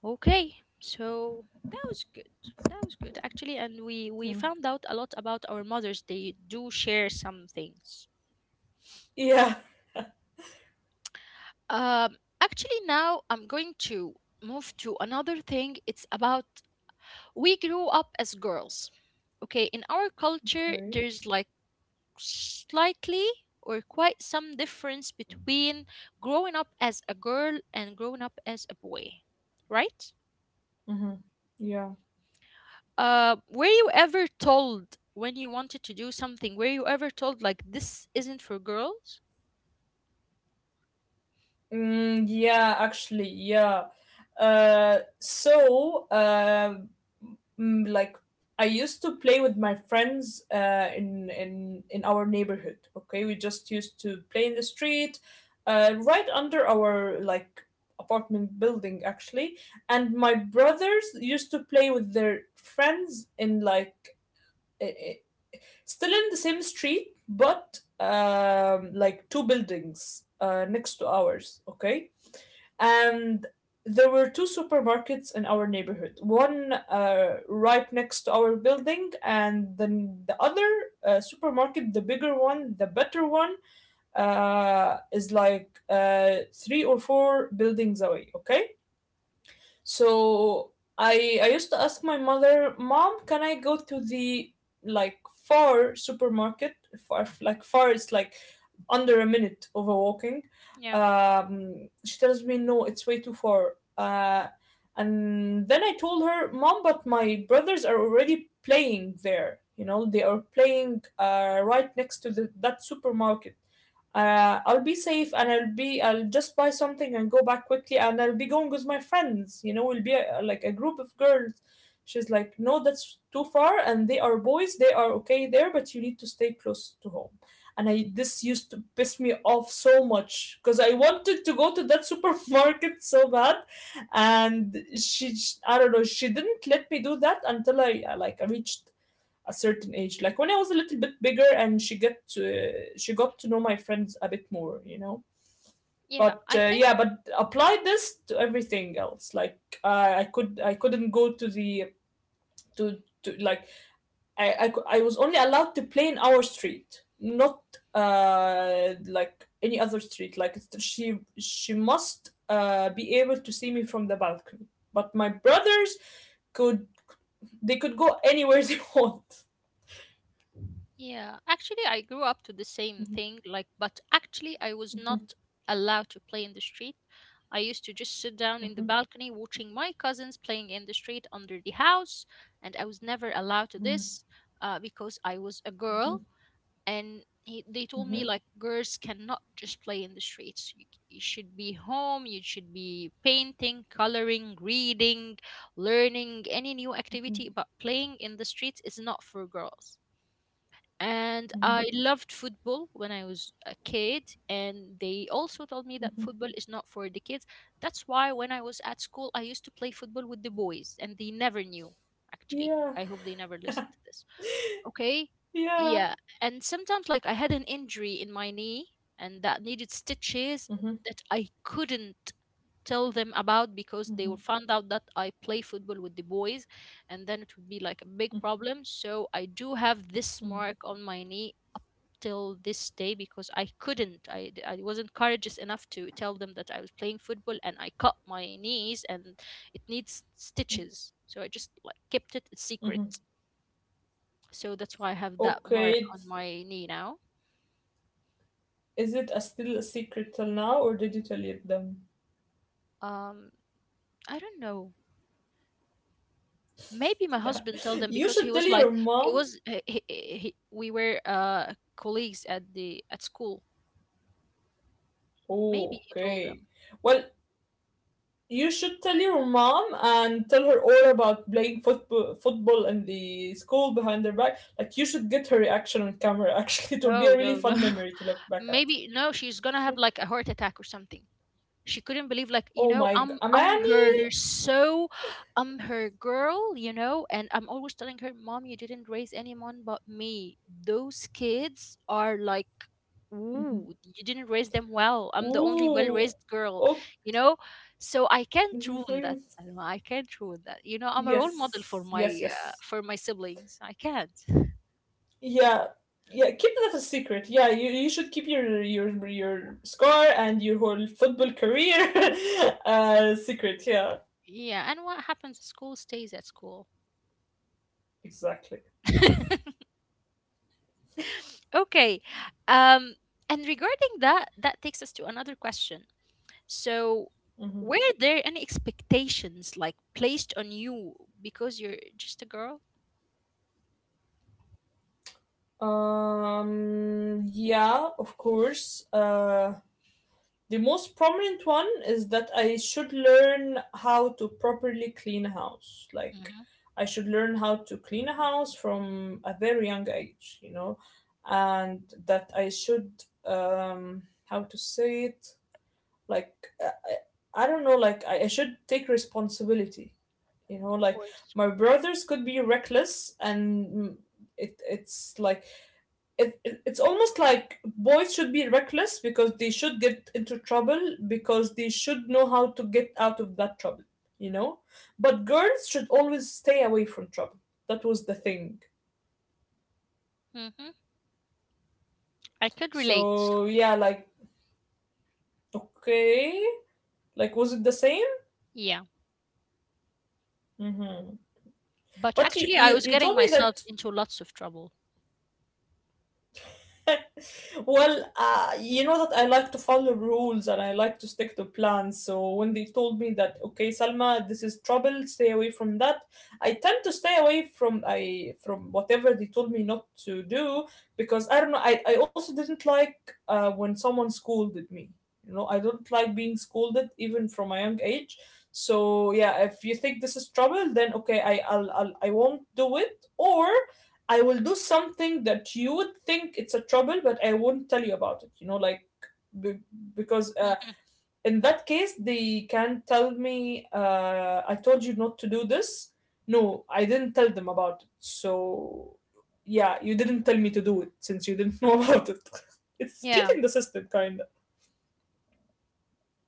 Okay. So that was good. That was good actually, and we
Yeah.
found out a lot about our mothers. They do share some things.
Yeah.
Um, actually now I'm going to move to another thing. It's about, we grew up as girls. Okay, in our culture
Okay.
there's like slightly or quite some difference between growing up as a girl and growing up as a boy, right?
Mm-hmm. Yeah.
Were you ever told, when you wanted to do something, were you ever told like, this isn't for girls?
Mm, yeah, actually, yeah. So, mm, like, I used to play with my friends in in our neighborhood. Okay, we just used to play in the street, right under our like apartment building actually. And my brothers used to play with their friends in like, i- i- still in the same street, but like two buildings next to ours. Okay, and there were two supermarkets in our neighborhood, one right next to our building, and then the other supermarket, the bigger one, the better one, is like three or four buildings away. Okay, so I used to ask my mother, Mom, can I go to the like far supermarket? Far, like far, it's like under a minute of a walking.
Yeah.
She tells me, no, it's way too far. And then I told her, Mom, but my brothers are already playing there. You know, they are playing right next to the, that supermarket. I'll be safe and I'll be, I'll just buy something and go back quickly and I'll be going with my friends. You know, we'll be like a group of girls. She's like, No, that's too far. And they are boys. They are okay there, but you need to stay close to home. And I, this used to piss me off so much because I wanted to go to that supermarket so bad, and she, I don't know, she didn't let me do that until I like I reached a certain age, like when I was a little bit bigger and she get to she got to know my friends a bit more, you know.
Yeah,
But
I think
yeah, but apply this to everything else. Like, I could, I couldn't go to the to to like, I was only allowed to play in our street, not like any other street. Like, it's- she must be able to see me from the balcony. But my brothers could, they could go anywhere they want.
Yeah, actually, I grew up to the same thing, like, but actually, I was
Mhm,
not allowed to play in the street. I used to just sit down in the
mhm,
balcony watching my cousins playing in the street under the house, and I was never allowed to
mhm,
this, because I was a girl. And he, they told me
mhm,
like, girls cannot just play in the streets. You should be home. You should be painting, coloring, reading, learning any new
mhm,
activity, but playing in the streets is not for girls. And
mhm.
I loved football when I was a kid. And they also told me that football is not for the kids. That's why when I was at school, I used to play football with the boys, and they never knew, actually.
Yeah,
I hope they never listened to this, okay.
yeah.
Yeah. And sometimes like I had an injury in my knee and that needed stitches,
Mhm,
that I couldn't tell them about because they
mhm,
would find out that I play football with the boys, and then it would be like a big problem. So I do have this
mhm,
mark on my knee till this day, because I couldn't I, d- I wasn't courageous enough to tell them that I was playing football and I cut my knees, and it needs stitches, so I just like kept it a
mhm.
secret. So that's why I have that
Okay,
mark on
it's-
my knee now.
is it a still a secret till now, or did you tell it them?
Um, I don't know. Maybe my
Yeah,
husband told them,
you
because he
should tell
was like,
your
he
mom.
was he, we were colleagues at the at school.
Oh,
Maybe he told
okay.
them.
Well, you should tell your mom and tell her all about playing football football in the school behind her back. Like, you should get her reaction on camera actually. It will be
No,
a really
no, no.
fun memory to look back at.
Maybe no, she's gonna have like a heart attack or something. She couldn't believe like, you
Oh
know,
my god.
I'm
Amani.
her so, I'm her girl, you know. And I'm always telling her, "Mom, you didn't raise anyone but me. Those kids are like,
Mhm.
ooh, you didn't raise them well. I'm the only well
Ooh.
raised girl,
Oh.
you know?" So I can't ruin that, Salma. I can't ruin that. You know, I'm a role model
Yes. Yes, yes.
for my siblings. I can't.
Yeah. Yeah, keep that a secret. Yeah, you should keep your scar and your whole football career secret. Yeah.
Yeah, and what happens at school stays at school.
Exactly.
Okay. Um, and regarding that, that takes us to another question. So,
Mhm.
were there any expectations like placed on you because you're just a girl?
Yeah, of course. The most prominent one is that I should learn how to properly clean a house. Like,
Mm-hmm, of
I should learn how to clean a house from a very young age, you know, and that I should, how to say it, like, uh, I don't know, like, I should take responsibility, you know, like
course.
my brothers could be reckless, and mm, it, it's like, it, it's almost like boys should be reckless because they should get into trouble because they should know how to get out of that trouble, you know, but girls should always stay away from trouble. That was the thing.
Mm-hmm. I could relate.
So yeah, like, okay, like was it the same?
Yeah.
Mm-hmm.
But
But you,
actually, I
you
was
you
getting
told me
myself
that.
into lots of trouble.
Well, you know that I like to follow rules and I like to stick to plans. So when they told me that, okay, Salma, this is trouble, stay away from that, I tend to stay away from I from whatever they told me not to do, because I don't know. I also didn't like when someone scolded me. You know, I don't like being scolded even from a young age. So yeah, if you think this is trouble, then okay, I I'll I won't do it. Or I will do something that you would think it's a trouble, but I won't tell you about it. You know, like, be- because
Mhm.
in that case they can tell me, "I told you not to do this." No, I didn't tell them about it. So yeah, you didn't tell me to do it since you didn't know about it. It's
Yeah.
cheating the system, kinda.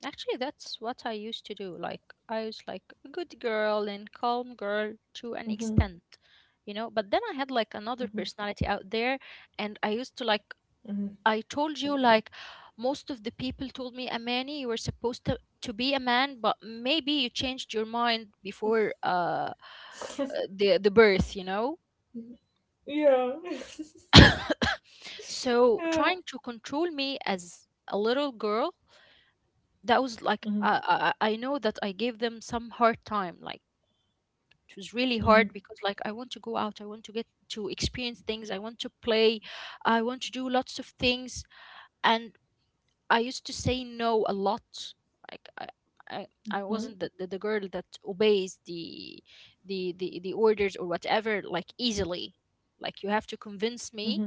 Actually, that's what I used to do. Like, I was like a good girl and calm girl to an
Hmm.
extent, you know? But then I had like another
Hmm.
personality out there, and I used to like,
Hmm.
I told you, like, most of the people told me, Amani, you were supposed to be a man, but maybe you changed your mind before the birth, you know?
Yeah.
So
Yeah.
trying to control me as a little girl, that was like,
Mm-hmm.
I know that I gave them some hard time. Like it was really
Mm-hmm.
hard because like, I want to go out, I want to get to experience things, I want to play, I want to do lots of things. And I used to say no a lot. Like I
Mm-hmm.
wasn't the girl that obeys the the orders or whatever like easily. Like you have to convince me.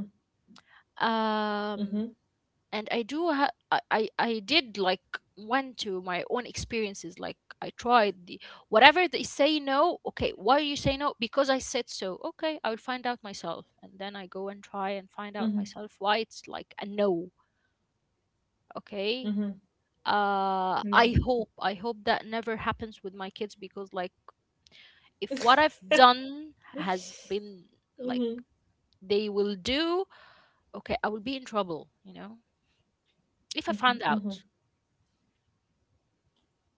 Um,
Mm-hmm.
and I do ha- I did like went to my own experiences, like I tried the whatever they say no, okay why you say no, because I said so, okay I will find out myself. And then I go and try and find out
Mm-hmm.
myself why it's like a no, okay.
Mm-hmm. Yeah.
I hope, I hope that never happens with my kids, because like, if what I've done has been like,
Mm-hmm.
they will do, okay I will be in trouble, you know, if I find
Mhm,
out.
mhm.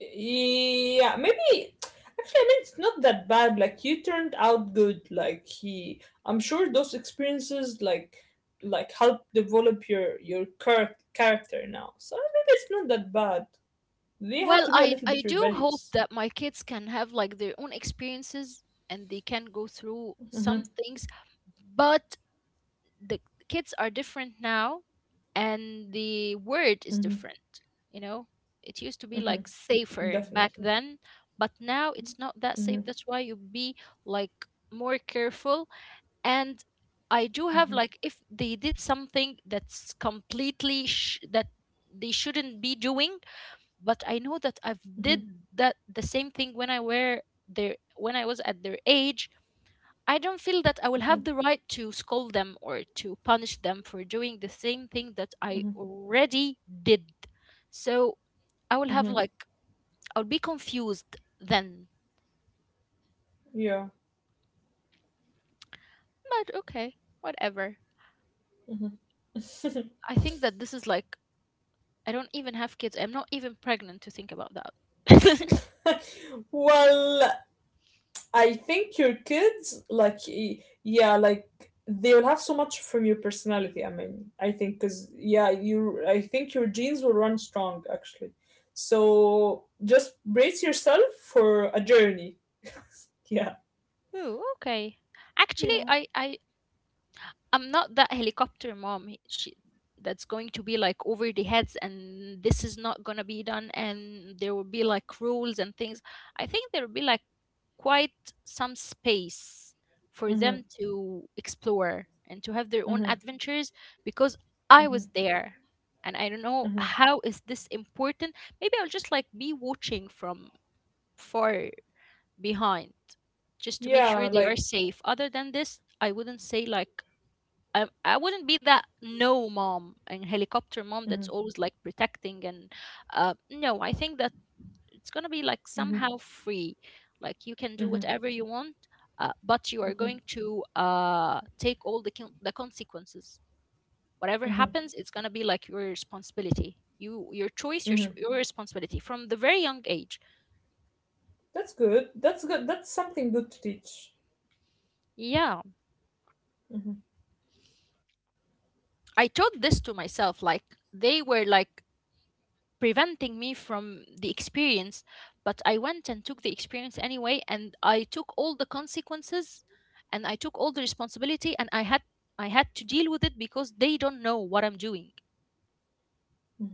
Yeah, maybe, actually, I mean, it's not that bad. Like, you turned out good. Like, he, I'm sure those experiences like help develop your character now. So maybe it's not that bad. They have
Well,
to be a little
I
bit
do hope
rebellious.
that my kids can have like their own experiences and they can go through
Mm-hmm,
some things, but the kids are different now and the word is
mm-hmm,
different, you know? It used to be like
mm-hmm,
safer back
definitely.
then, but now it's not that safe.
Mm-hmm,
That's why you be like more careful, and I do have
mm-hmm,
like if they did something that's completely that they shouldn't be doing. But I know that I've
mm-hmm,
did that the same thing when I were their when I was at their age. I don't feel that I will have the right to scold them or to punish them for doing the same thing
mm-hmm,
that I already did. So
mm-hmm,
I will have like I'll be confused then.
yeah.
But okay, whatever. I think that this is like I don't even have kids. I'm not even pregnant to think about that.
Well, I think your kids, like, yeah, like they will have so much from your personality. I mean, I think because yeah, you, I think your genes will run strong actually. So just brace yourself for a journey. Yeah,
Oh, okay. Actually,
yeah.
I I'm not that helicopter mom that's going to be like over the heads, and this is not going to be done, and there will be like rules and things. I think there will be like quite some space for them
Mhm,
to explore and to have their own
mhm,
adventures, because
mhm,
I was there and I don't know
mhm.
how is this important. Maybe I'll just like be watching from far behind, just to make
Yeah,
sure they are
like.
safe. Other than this, I wouldn't say like I wouldn't be that no mom and helicopter
Mhm,
mom that's always like protecting and no, I think that it's gonna be like
mhm,
somehow free, like you can do
mhm,
whatever you want, but you are
mhm,
going to take all the the consequences. Whatever
mhm,
happens it's gonna be like your responsibility, you, your choice,
mhm.
your responsibility from the very young age.
That's good. That's good. That's something good to teach.
Yeah,
Mhm,
I taught this to myself. Like, they were like preventing me from the experience, but I went and took the experience anyway, and I took all the consequences and I took all the responsibility, and I had I had to deal with it because they don't know what I'm doing.
mhm.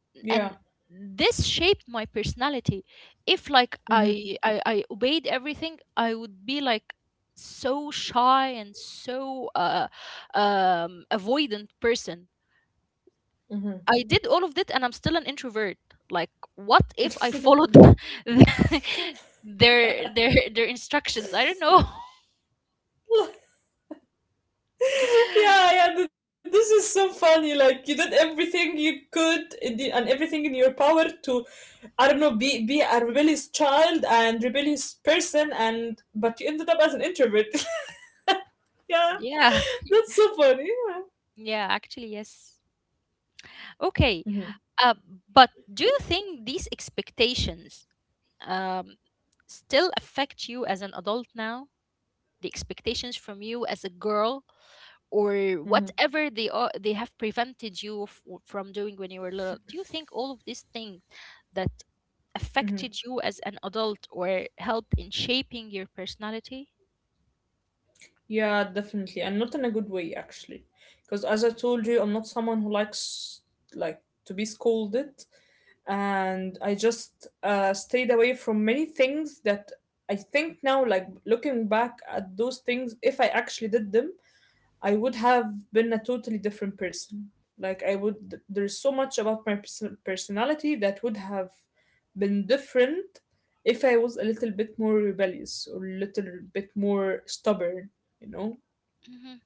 Yeah.
And this shaped my personality. If like
Mhm,
I obeyed everything, I would be like so shy and so avoidant person. I did all of that and I'm still an introvert. Like, what if I
mhm.
followed their instructions? I don't know.
Yeah, yeah, this is so funny. Like, you did everything you could in the, and everything in your power to, I don't know, be a rebellious child and rebellious person, and but you ended up as an introvert. Yeah,
Yeah,
that's so funny. Yeah.
yeah, actually, yes.
Hmm.
Okay, uh, but do you think these expectations, um, still affect you as an adult now? The expectations from you as a girl, or
Hmm.
whatever they are, they have prevented you from doing when you were little. Do you think all of these things that
Hmm.
affected you as an adult or helped in shaping your personality?
Yeah, definitely, and not in a good way actually, because as I told you, I'm not someone who likes like to be scolded, and I just stayed away from many things that I think now, like looking back at those things, if I actually did them, I would have been a totally different person. Like I would, there's so much about my personality that would have been different if I was a little bit more rebellious or a little bit more stubborn, you know.
Hmm.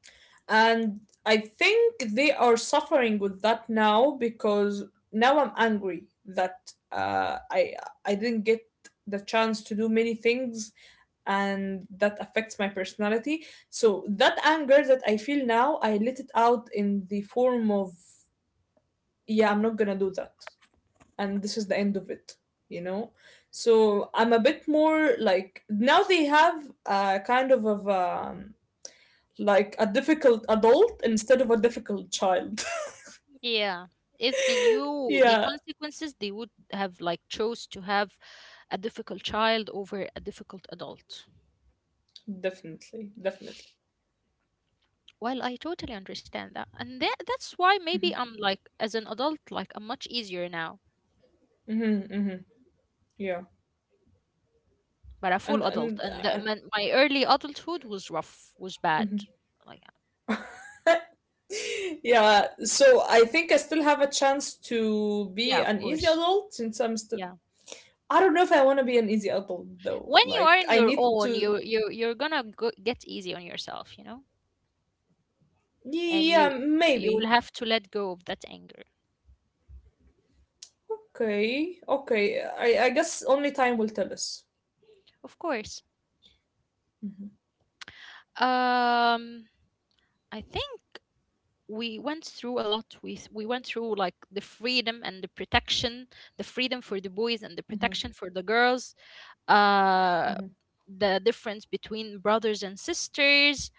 And I think they are suffering with that now because now I'm angry that I didn't get the chance to do many things, and that affects my personality. So that anger that I feel now, I let it out in the form of, yeah, I'm not gonna do that, and this is the end of it. You know, so I'm a bit more like now they have a kind of of. Like a difficult adult instead of a difficult child.
Yeah. If they knew the
Yeah,
consequences, they would have like chose to have a difficult child over a difficult adult.
definitely, definitely.
Well, I totally understand that, and that, that's why maybe I'm like as an adult, like I'm much easier now,
Mm-hmm, mm-hmm, yeah,
but a full adult,
and
and that
and.
meant my early adulthood was rough, was bad.
Mhm.
Like,
Yeah, so I think I still have a chance to be
yeah, of
an easy
course,
adult since I'm still.
yeah.
I don't know if I want to be an easy adult though.
When you are
Like,
in
I
your
need
own,
to.
you're gonna go, get easy on yourself, you know, and
Yeah,
you will
maybe.
have to let go of that anger.
Okay, okay. I guess only time will tell us.
Of course.
Mm-hmm,
um I think we went through a lot. We we went through like the freedom and the protection, the freedom for the boys and the
mm-hmm,
protection for the girls, uh
mm-hmm,
the difference between brothers and sisters.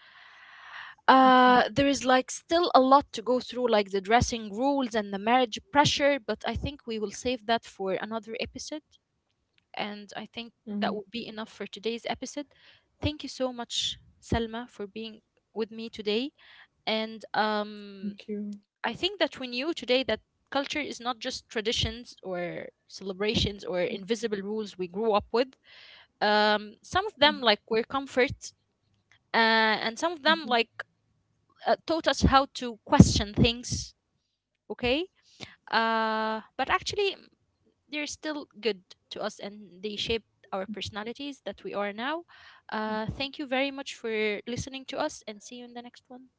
Uh, there is like still a lot to go through, like the dressing rules and the marriage pressure, but I think we will save that for another episode. And I think
mm-hmm.
that would be enough for today's episode. Thank you so much, Selma, for being with me today. And
Thank you.
I think that we knew today that culture is not just traditions or celebrations or invisible rules we grew up with. Some of them
Mm-hmm.
like were comfort, and some of them like taught us how to question things. Okay. But actually, they're still good to us and they shaped our personalities that we are now. Uh, thank you very much for listening to us, and see you in the next one.